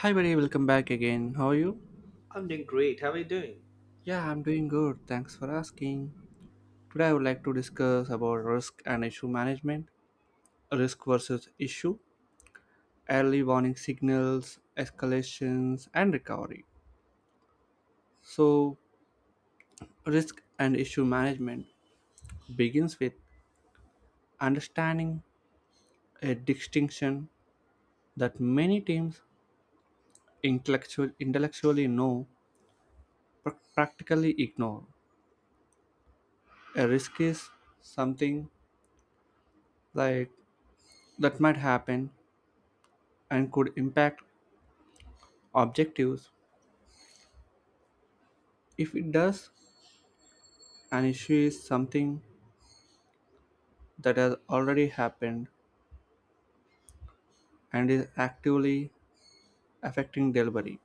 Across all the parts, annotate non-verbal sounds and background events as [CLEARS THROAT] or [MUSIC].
Hi, buddy, welcome back again. How are you? I'm doing great. How are you doing? Yeah, I'm doing good. Thanks for asking. Today, I would like to discuss about risk and issue management, risk versus issue, early warning signals, escalations, and recovery. So, risk and issue management begins with understanding a distinction that many teams intellectually know but practically ignore. A risk is something like that might happen and could impact objectives. If it does, an issue is something that has already happened and is actively affecting delivery.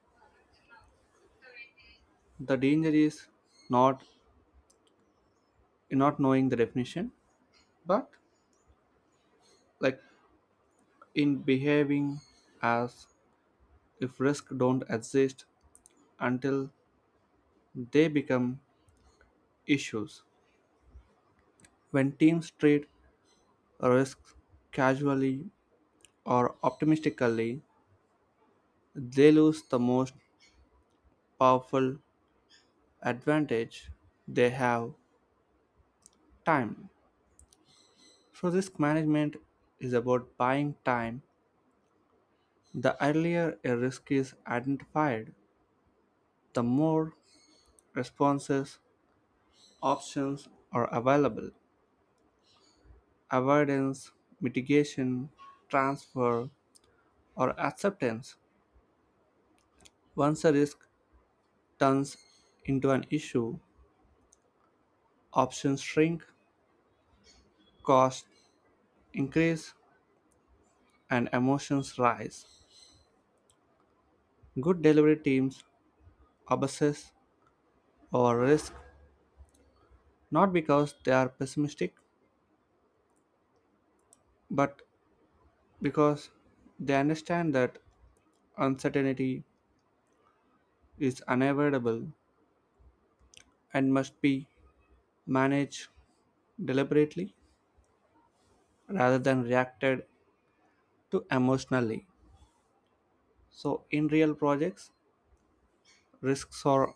The danger is not in not knowing the definition, but like in behaving as if risk don't exist until they become issues. When teams treat risks casually or optimistically, they lose the most powerful advantage they have time, so risk management is about buying time. The earlier a risk is identified, the more responses options are available: avoidance, mitigation, transfer, or acceptance. Once a risk turns into an issue, options shrink, costs increase, and emotions rise. Good delivery teams obsess over risk not because they are pessimistic, but because they understand that uncertainty is unavoidable and must be managed deliberately rather than reacted to emotionally. So, in real projects, risks are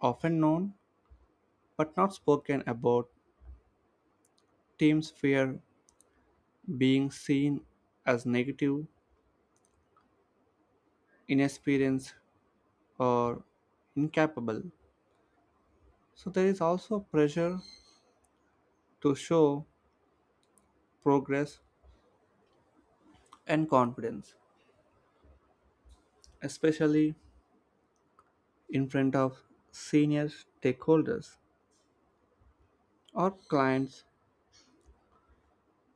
often known but not spoken about. Teams fear being seen as negative, inexperienced, or incapable. So, there is also pressure to show progress and confidence, especially in front of senior stakeholders or clients.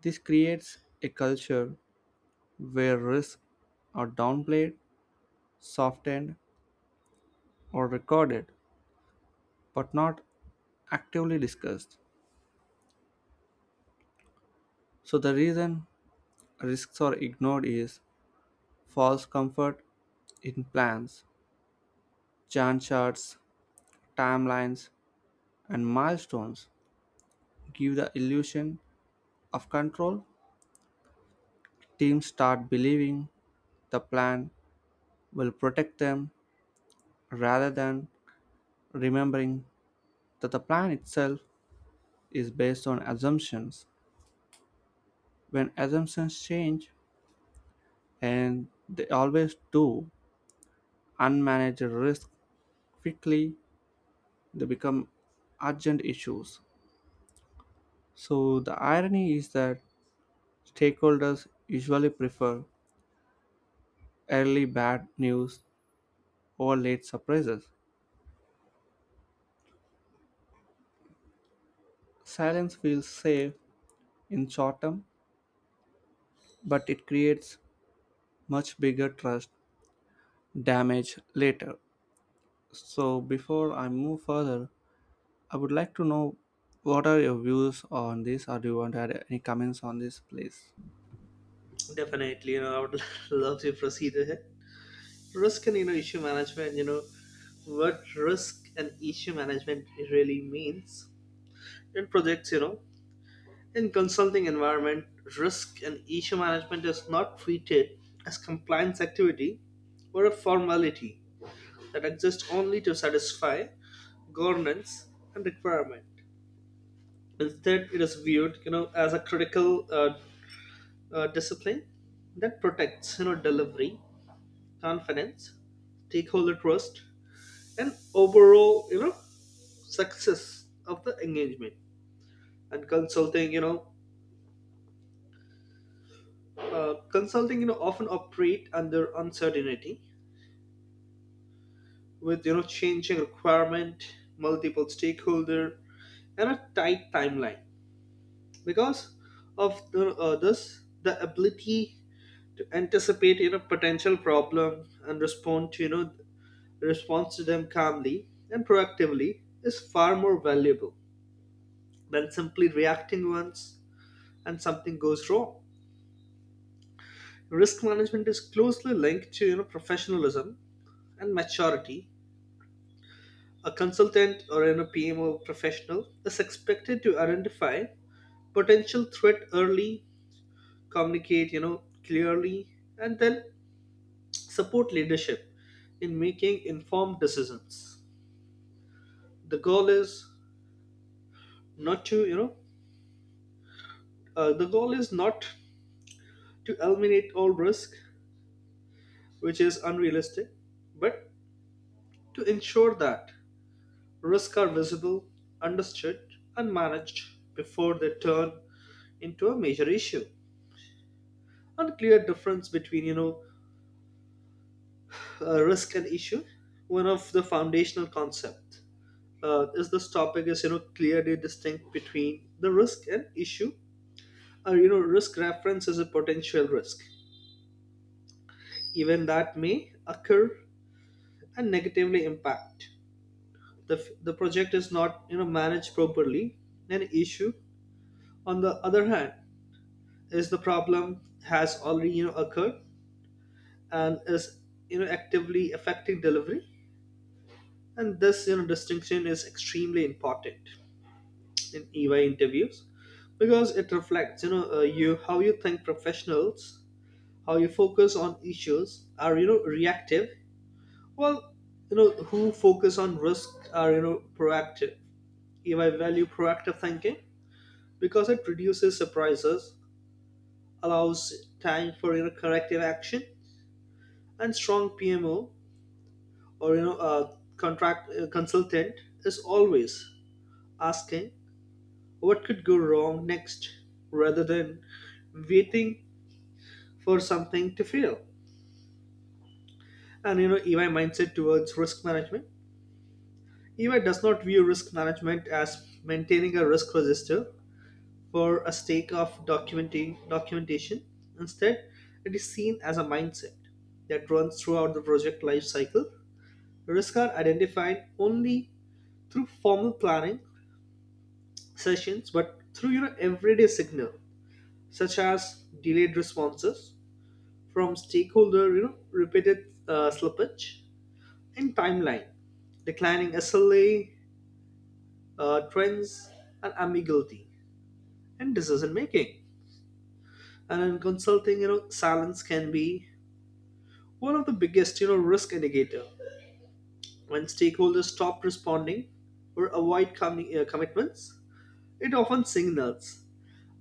This creates a culture where risks are downplayed, softened, or recorded, but not actively discussed. So, the reason risks are ignored is false comfort in plans. Gantt charts, timelines, and milestones give the illusion of control. Teams start believing the plan will protect them rather than remembering that the plan itself is based on assumptions. When assumptions change, and they always do, unmanaged risk quickly they become urgent issues. So the irony is that stakeholders usually prefer early bad news or late surprises. Silence feels safe in short term, but it creates much bigger trust damage later. So, before I move further, I would like to know what are your views on this, or do you want to add any comments on this, please? Definitely, I would [LAUGHS] love to proceed ahead. Risk and issue management. What risk and issue management really means in projects. In consulting environment, risk and issue management is not treated as compliance activity or a formality that exists only to satisfy governance and requirement. Instead, it is viewed, as a critical discipline that protects delivery confidence, stakeholder trust, and overall success of the engagement. And consulting, consulting often operate under uncertainty with changing requirement, multiple stakeholder, and a tight timeline because of the ability to anticipate potential problem and respond to response to them calmly and proactively is far more valuable than simply reacting once and something goes wrong. Risk management is closely linked to professionalism and maturity. A consultant or an PMO professional is expected to identify potential threat early, communicate, clearly, and then support leadership in making informed decisions. The goal is not to you know the goal is not to eliminate all risk, which is unrealistic, but to ensure that risks are visible, understood, and managed before they turn into a major issue. And clear difference between risk and issue, one of the foundational concept, is this topic is clearly distinct between the risk and issue, or risk reference is a potential risk even that may occur and negatively impact the, the project is not managed properly. An issue, on the other hand, is the problem has already occurred and is actively affecting delivery. And this distinction is extremely important in ey interviews because it reflects you how you think professionals, how you focus on issues are reactive. Well, who focus on risk are, proactive. If I value proactive thinking because it reduces surprises, allows time for, corrective action, and strong PMO or, a contract consultant is always asking what could go wrong next rather than waiting for something to fail. And, EY mindset towards risk management. EY does not view risk management as maintaining a risk register for a sake of documentation. Instead, it is seen as a mindset that runs throughout the project life cycle. Risks are identified only through formal planning sessions, but through everyday signal such as delayed responses from stakeholder, repeated slippage in timeline, declining SLA trends, and ambiguity in decision making. And in consulting, silence can be one of the biggest risk indicator. When stakeholders stop responding or avoid commitments, it often signals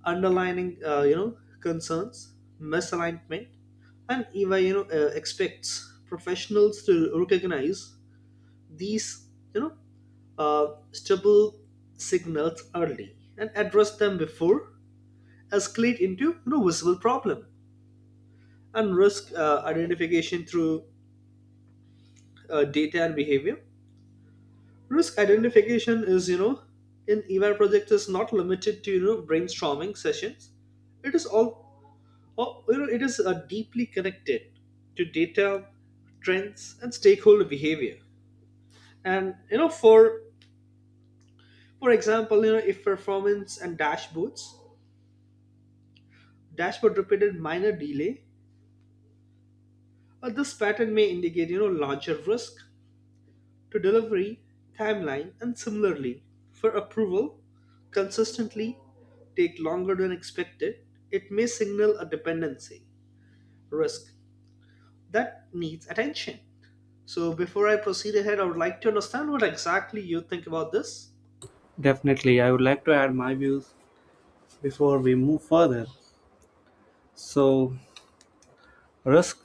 underlining concerns, misalignment. And even expects professionals to recognize these you know stable signals early and address them before escalate into visible problem. And risk identification through data and behavior, risk identification is in ey project is not limited to brainstorming sessions. It is it is deeply connected to data, trends, and stakeholder behavior. And for example, if performance and dashboard repeated minor delay, this pattern may indicate larger risk to delivery timeline. And similarly, for approval consistently take longer than expected, it may signal a dependency risk that needs attention. So before I proceed ahead, I would like to understand what exactly you think about this. Definitely, I would like to add my views before we move further. So, risk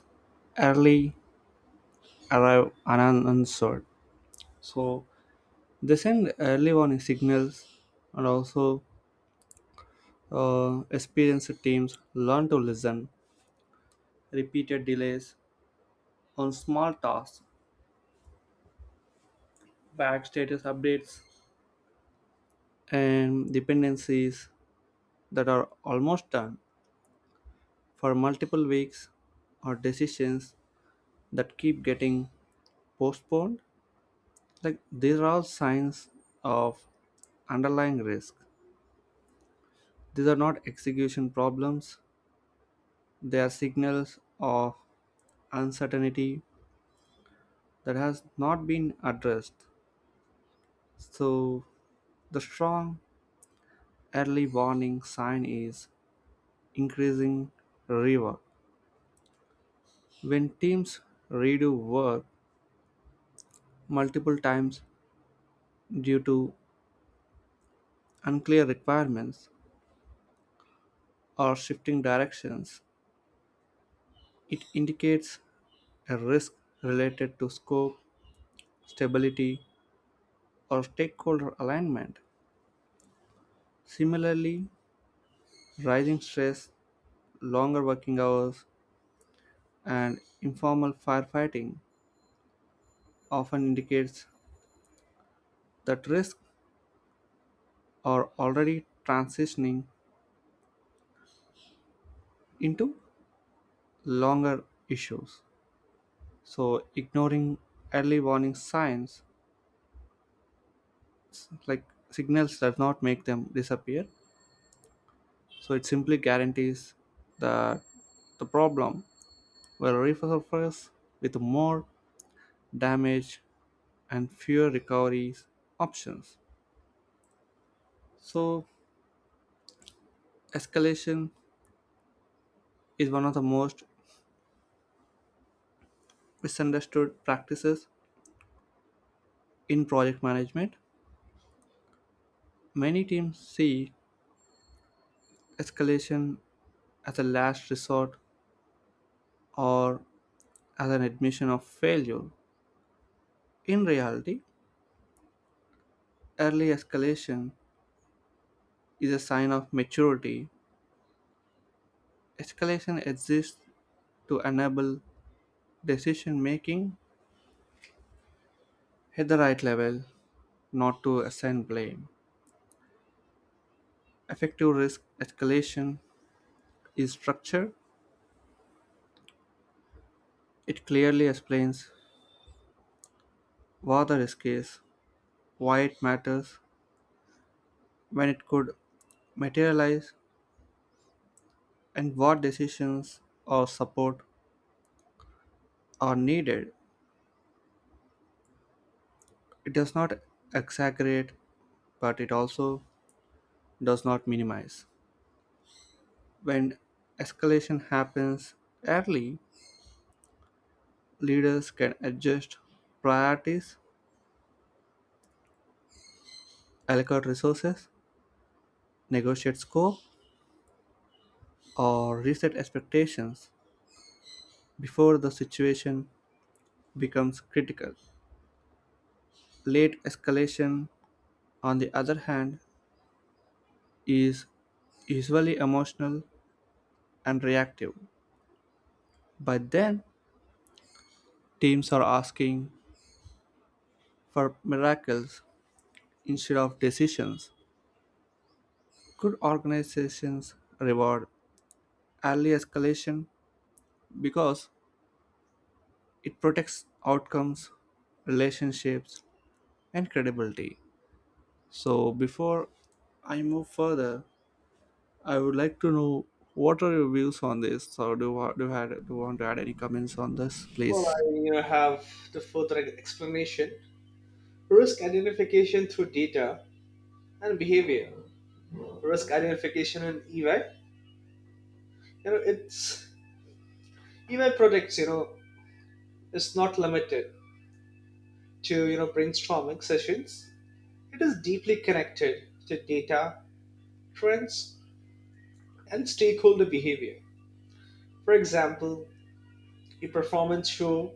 early arrive unanswered. So, they send early warning signals, and also experienced teams learn to listen. Repeated delays on small tasks, bad status updates, and dependencies that are almost done for multiple weeks or decisions that keep getting postponed, like these are all signs of underlying risk. These are not execution problems, they are signals of uncertainty that has not been addressed. So the strong early warning sign is increasing rework. When teams redo work multiple times due to unclear requirements or shifting directions, it indicates a risk related to scope, stability, or stakeholder alignment. Similarly, rising stress, longer working hours, and informal firefighting often indicates that risks are already transitioning into longer issues. So, ignoring early warning signs like signals does not make them disappear. So it simply guarantees that the problem will resurface with more damage and fewer recovery options. So escalation is one of the most misunderstood practices in project management. Many teams see escalation as a last resort or as an admission of failure. In reality, early escalation is a sign of maturity. Escalation exists to enable decision making at the right level, not to assign blame. Effective risk escalation is structured. It clearly explains what the risk is, why it matters, when it could materialize, and what decisions or support are needed. It does not exaggerate, but it also does not minimize. When escalation happens early, leaders can adjust priorities, allocate resources, negotiate scope, or reset expectations before the situation becomes critical. Late escalation, on the other hand, is usually emotional and reactive. By then, teams are asking for miracles instead of decisions. Good organizations reward early escalation because it protects outcomes, relationships, and credibility. So before I move further, I would like to know what are your views on this? So do you want to add any comments on this, Well, please? I have the further explanation. Risk identification through data and behavior, risk identification in ey, you know it's ey projects, it's not limited to brainstorming sessions. It is deeply connected to data, trends, and stakeholder behavior. For example, a performance show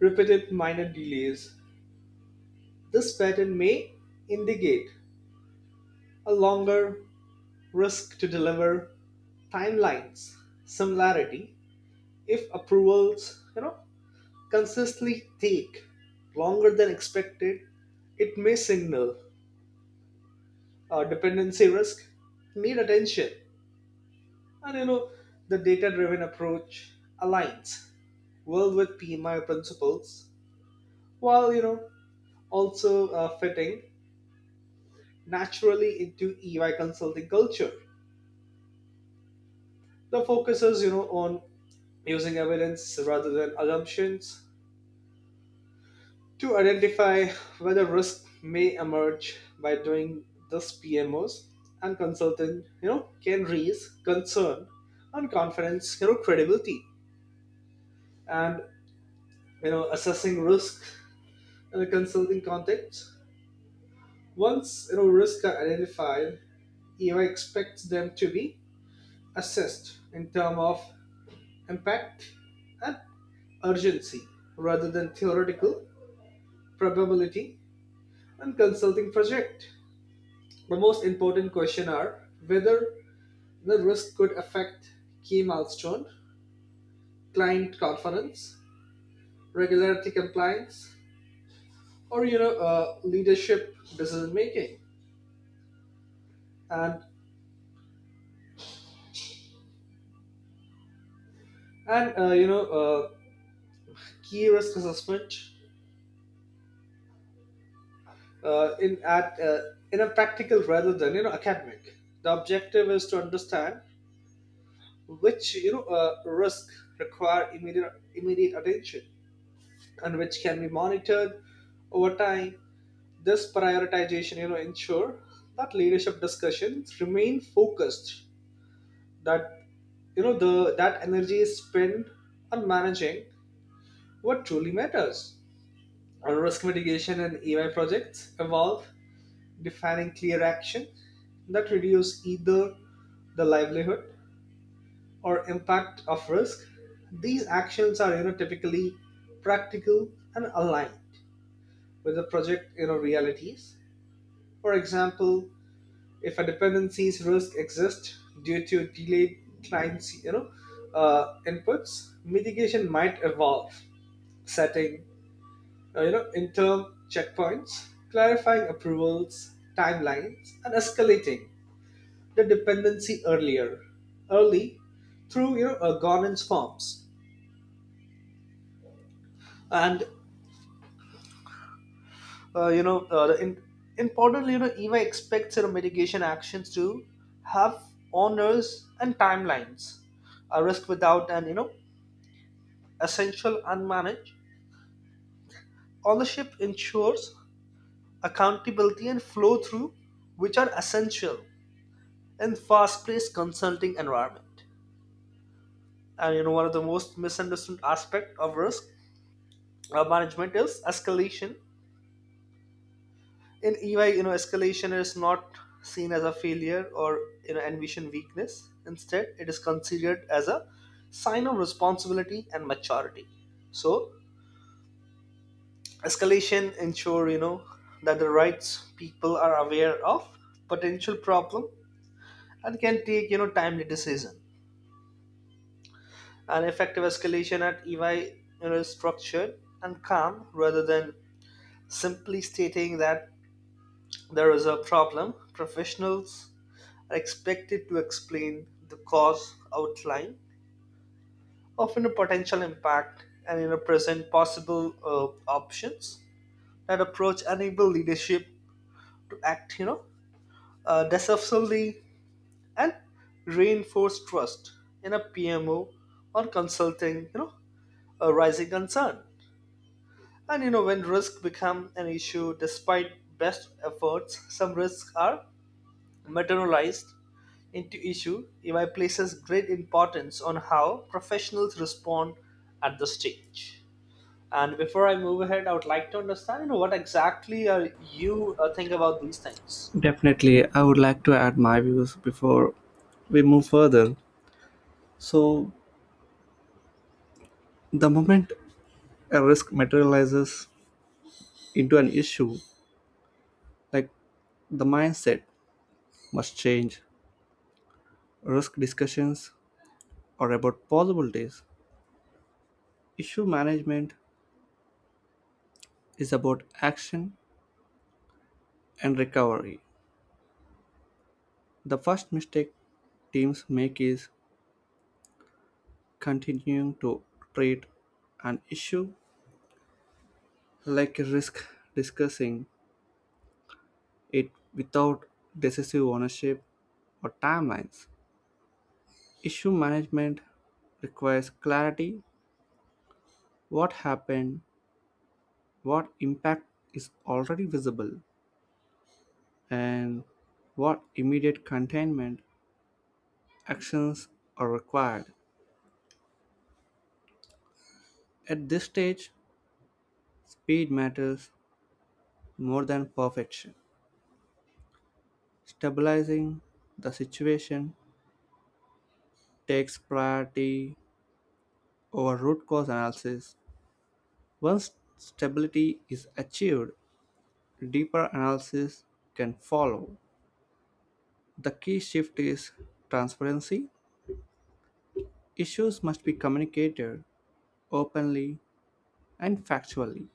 repeated minor delays, this pattern may indicate a longer risk to deliver timelines. Similarity, if approvals consistently take longer than expected, it may signal a dependency risk need attention. And the data driven approach aligns well with PMI principles while also fitting naturally into EY consulting culture. The focus is on using evidence rather than assumptions to identify whether risk may emerge. By doing this, PMOs and consultant can raise concern and confidence, credibility. And assessing risk in a consulting context. Once risks are identified, EY expects them to be assessed in terms of impact and urgency rather than theoretical probability and consulting project. The most important question are whether the risk could affect key milestone, client confidence, regularity compliance, or leadership decision making, and and uh, you know uh, key risk assessment uh, in at uh, in a practical rather than academic. The objective is to understand which risk require immediate attention and which can be monitored over time. This prioritization ensure that leadership discussions remain focused, that you know the that energy is spent on managing what truly matters. Our risk mitigation and EY projects evolve defining clear action that reduce either the livelihood or impact of risk. These actions are, typically practical and aligned with the project, realities. For example, if a dependency's risk exists due to delayed clients' inputs, mitigation might evolve setting interim checkpoints, clarifying approvals, timelines, and escalating the dependency early through governance forms. And uh, you know uh, the in, importantly, EVA expects, mitigation actions to have owners and timelines. A risk without an essential unmanaged ownership ensures accountability and flow through, which are essential in fast-paced consulting environment. And one of the most misunderstood aspect of risk management is escalation in EY, escalation is not seen as a failure or ambition weakness. Instead, it is considered as a sign of responsibility and maturity. So escalation ensure that the rights people are aware of potential problem and can take timely decision. An effective escalation at EY is structured and calm rather than simply stating that there is a problem. Professionals are expected to explain the cause outline, often a potential impact, and in a present possible options. That approach enable leadership to act, decisively and reinforce trust in a PMO or consulting, a rising concern. And when risk become an issue, despite best efforts, some risks are materialized into issue. AI places great importance on how professionals respond at the stage. And before I move ahead, I would like to understand, what exactly are you think about these things? Definitely, I would like to add my views before we move further. So the moment a risk materializes into an issue, like the mindset must change. Risk discussions are about possibilities. Issue management is about action and recovery. The first mistake teams make is continuing to treat an issue like a risk, discussing it without decisive ownership or timelines. Issue management requires clarity: what happened, what impact is already visible, and what immediate containment actions are required. At this stage, speed matters more than perfection. Stabilizing the situation takes priority over root cause analysis. Once stability is achieved, deeper analysis can follow. The key shift is transparency. Issues must be communicated openly and factually.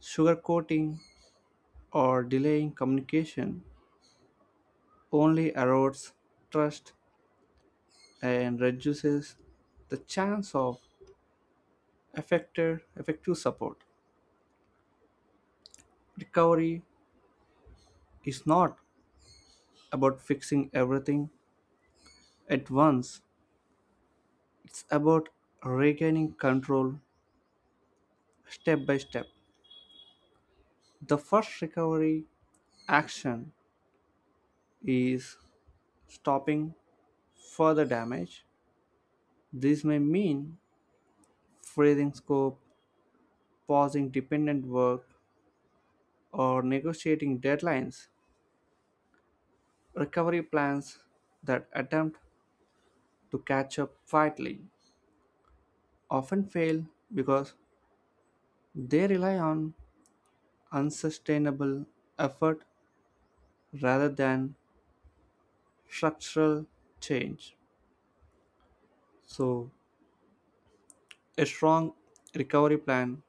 Sugarcoating or delaying communication only erodes trust and reduces the chance of effective support. Recovery is not about fixing everything at once, it's about regaining control step by step. The first recovery action is stopping further damage. This may mean freezing scope, pausing dependent work, or negotiating deadlines. Recovery plans that attempt to catch up quietly often fail because they rely on unsustainable effort rather than structural change. So, a strong recovery plan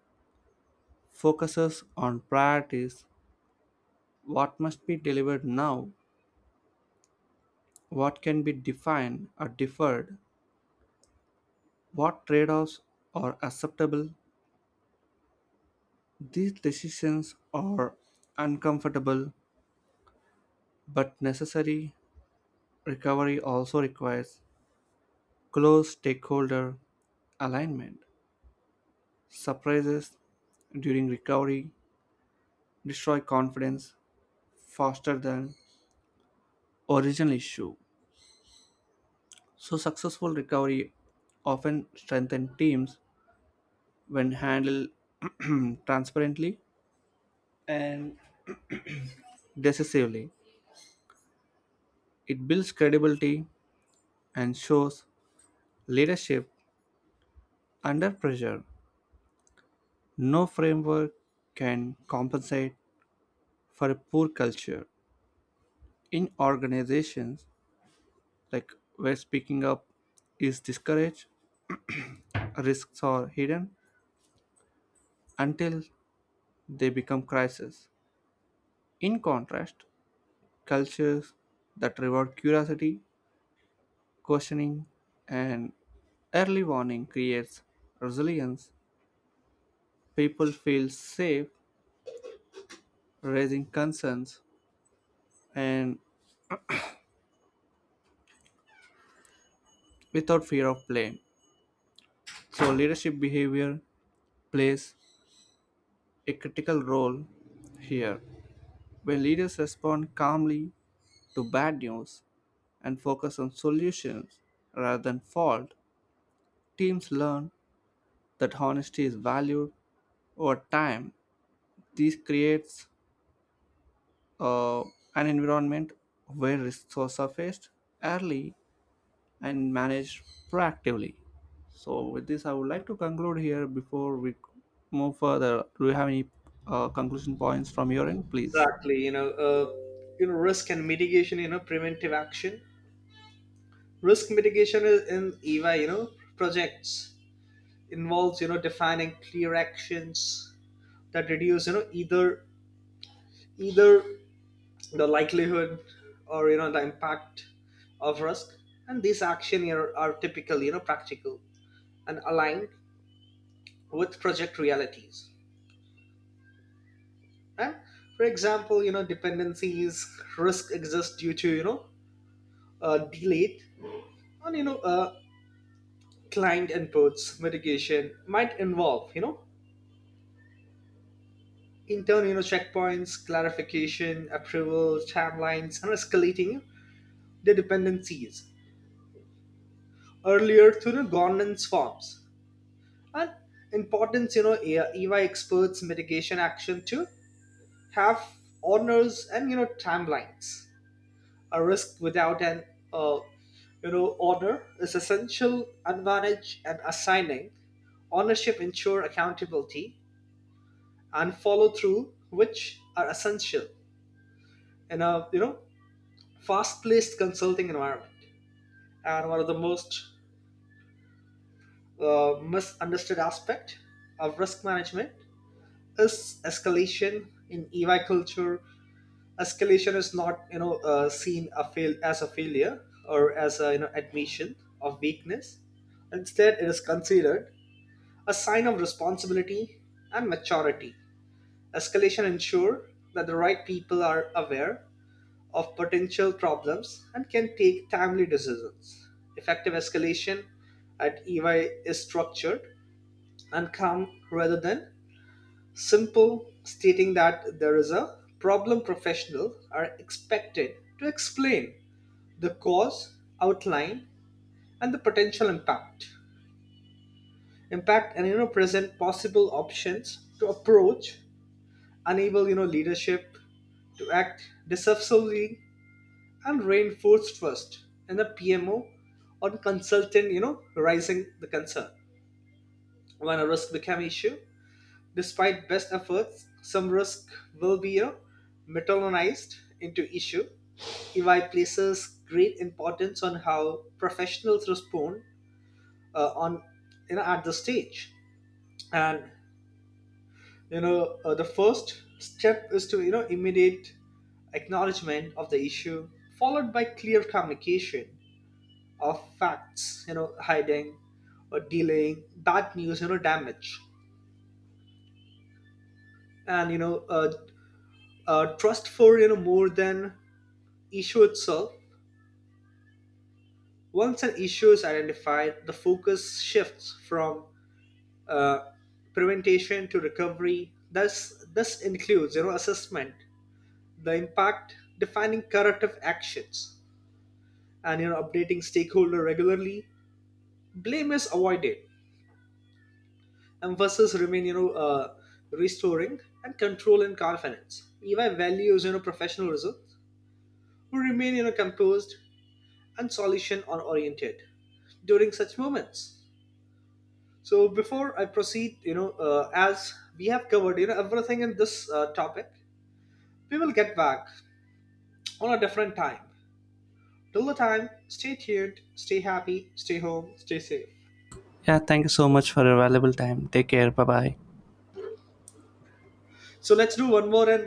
focuses on priorities: what must be delivered now, what can be defined or deferred, what trade offs are acceptable. These decisions are uncomfortable but necessary. Recovery also requires close stakeholder alignment. Surprises during recovery destroy confidence faster than original issue. So successful recovery often strengthen teams when handled [CLEARS THROAT] transparently and decisively. It builds credibility and shows leadership under pressure. No framework can compensate for a poor culture. In organizations like where speaking up is discouraged, risks are hidden until they become crises. In contrast, cultures that reward curiosity, questioning, and early warning creates resilience. People feel safe raising concerns and without fear of blame. So leadership behavior plays a critical role here. When leaders respond calmly to bad news and focus on solutions rather than fault, teams learn that honesty is valued over time. This creates uh, an environment where risks are surfaced early and managed proactively. So, with this, I would like to conclude here before we move further. Do you have any conclusion points from your end, please? Exactly, risk and mitigation, preventive action. Risk mitigation is in EVA, projects involves, defining clear actions that reduce, either the likelihood or the impact of risk. And these action here are typically practical and aligned with project realities, right? For example, dependencies risk exist due to delayed and client inputs. Mitigation might involve internal checkpoints, clarification, approval timelines, and escalating the dependencies earlier through the governance forms. And importance, eva experts mitigation action to have honors and timelines. A risk without an uh, honor is essential advantage. And assigning ownership ensure accountability and follow through, which are essential in a fast paced consulting environment. And one of the most misunderstood aspect of risk management is escalation in EY culture. Escalation is not seen a fail as a failure or as a admission of weakness. Instead, it is considered a sign of responsibility and maturity. Escalation ensure that the right people are aware of potential problems and can take timely decisions. Effective escalation at EY is structured and calm rather than simple stating that there is a problem. Professional are expected to explain the cause, outline, and the potential impact. And present possible options to approach, enable leadership to act decisively and reinforce trust in the PMO or the consultant, raising the concern. When a risk become issue, despite best efforts, some risk will be metallized into issue. EY places great importance on how professionals respond on you know at the stage. And the first step is to immediate acknowledgement of the issue, followed by clear communication of facts. Hiding or delaying bad news, damage, and trust for more than issue itself. Once an issue is identified, the focus shifts from uh, prevention to recovery. Thus, this includes assessment, the impact, defining corrective actions, and updating stakeholder regularly. Blame is avoided. Emphasis remain restoring and control and confidence. EY values professionalism, who remain composed and solution or oriented during such moments. So before I proceed, as we have covered, everything in this topic, we will get back on a different time. Till the time, stay tuned, stay happy, stay home, stay safe. Yeah, thank you so much for your valuable time. Take care. Bye bye. So let's do one more and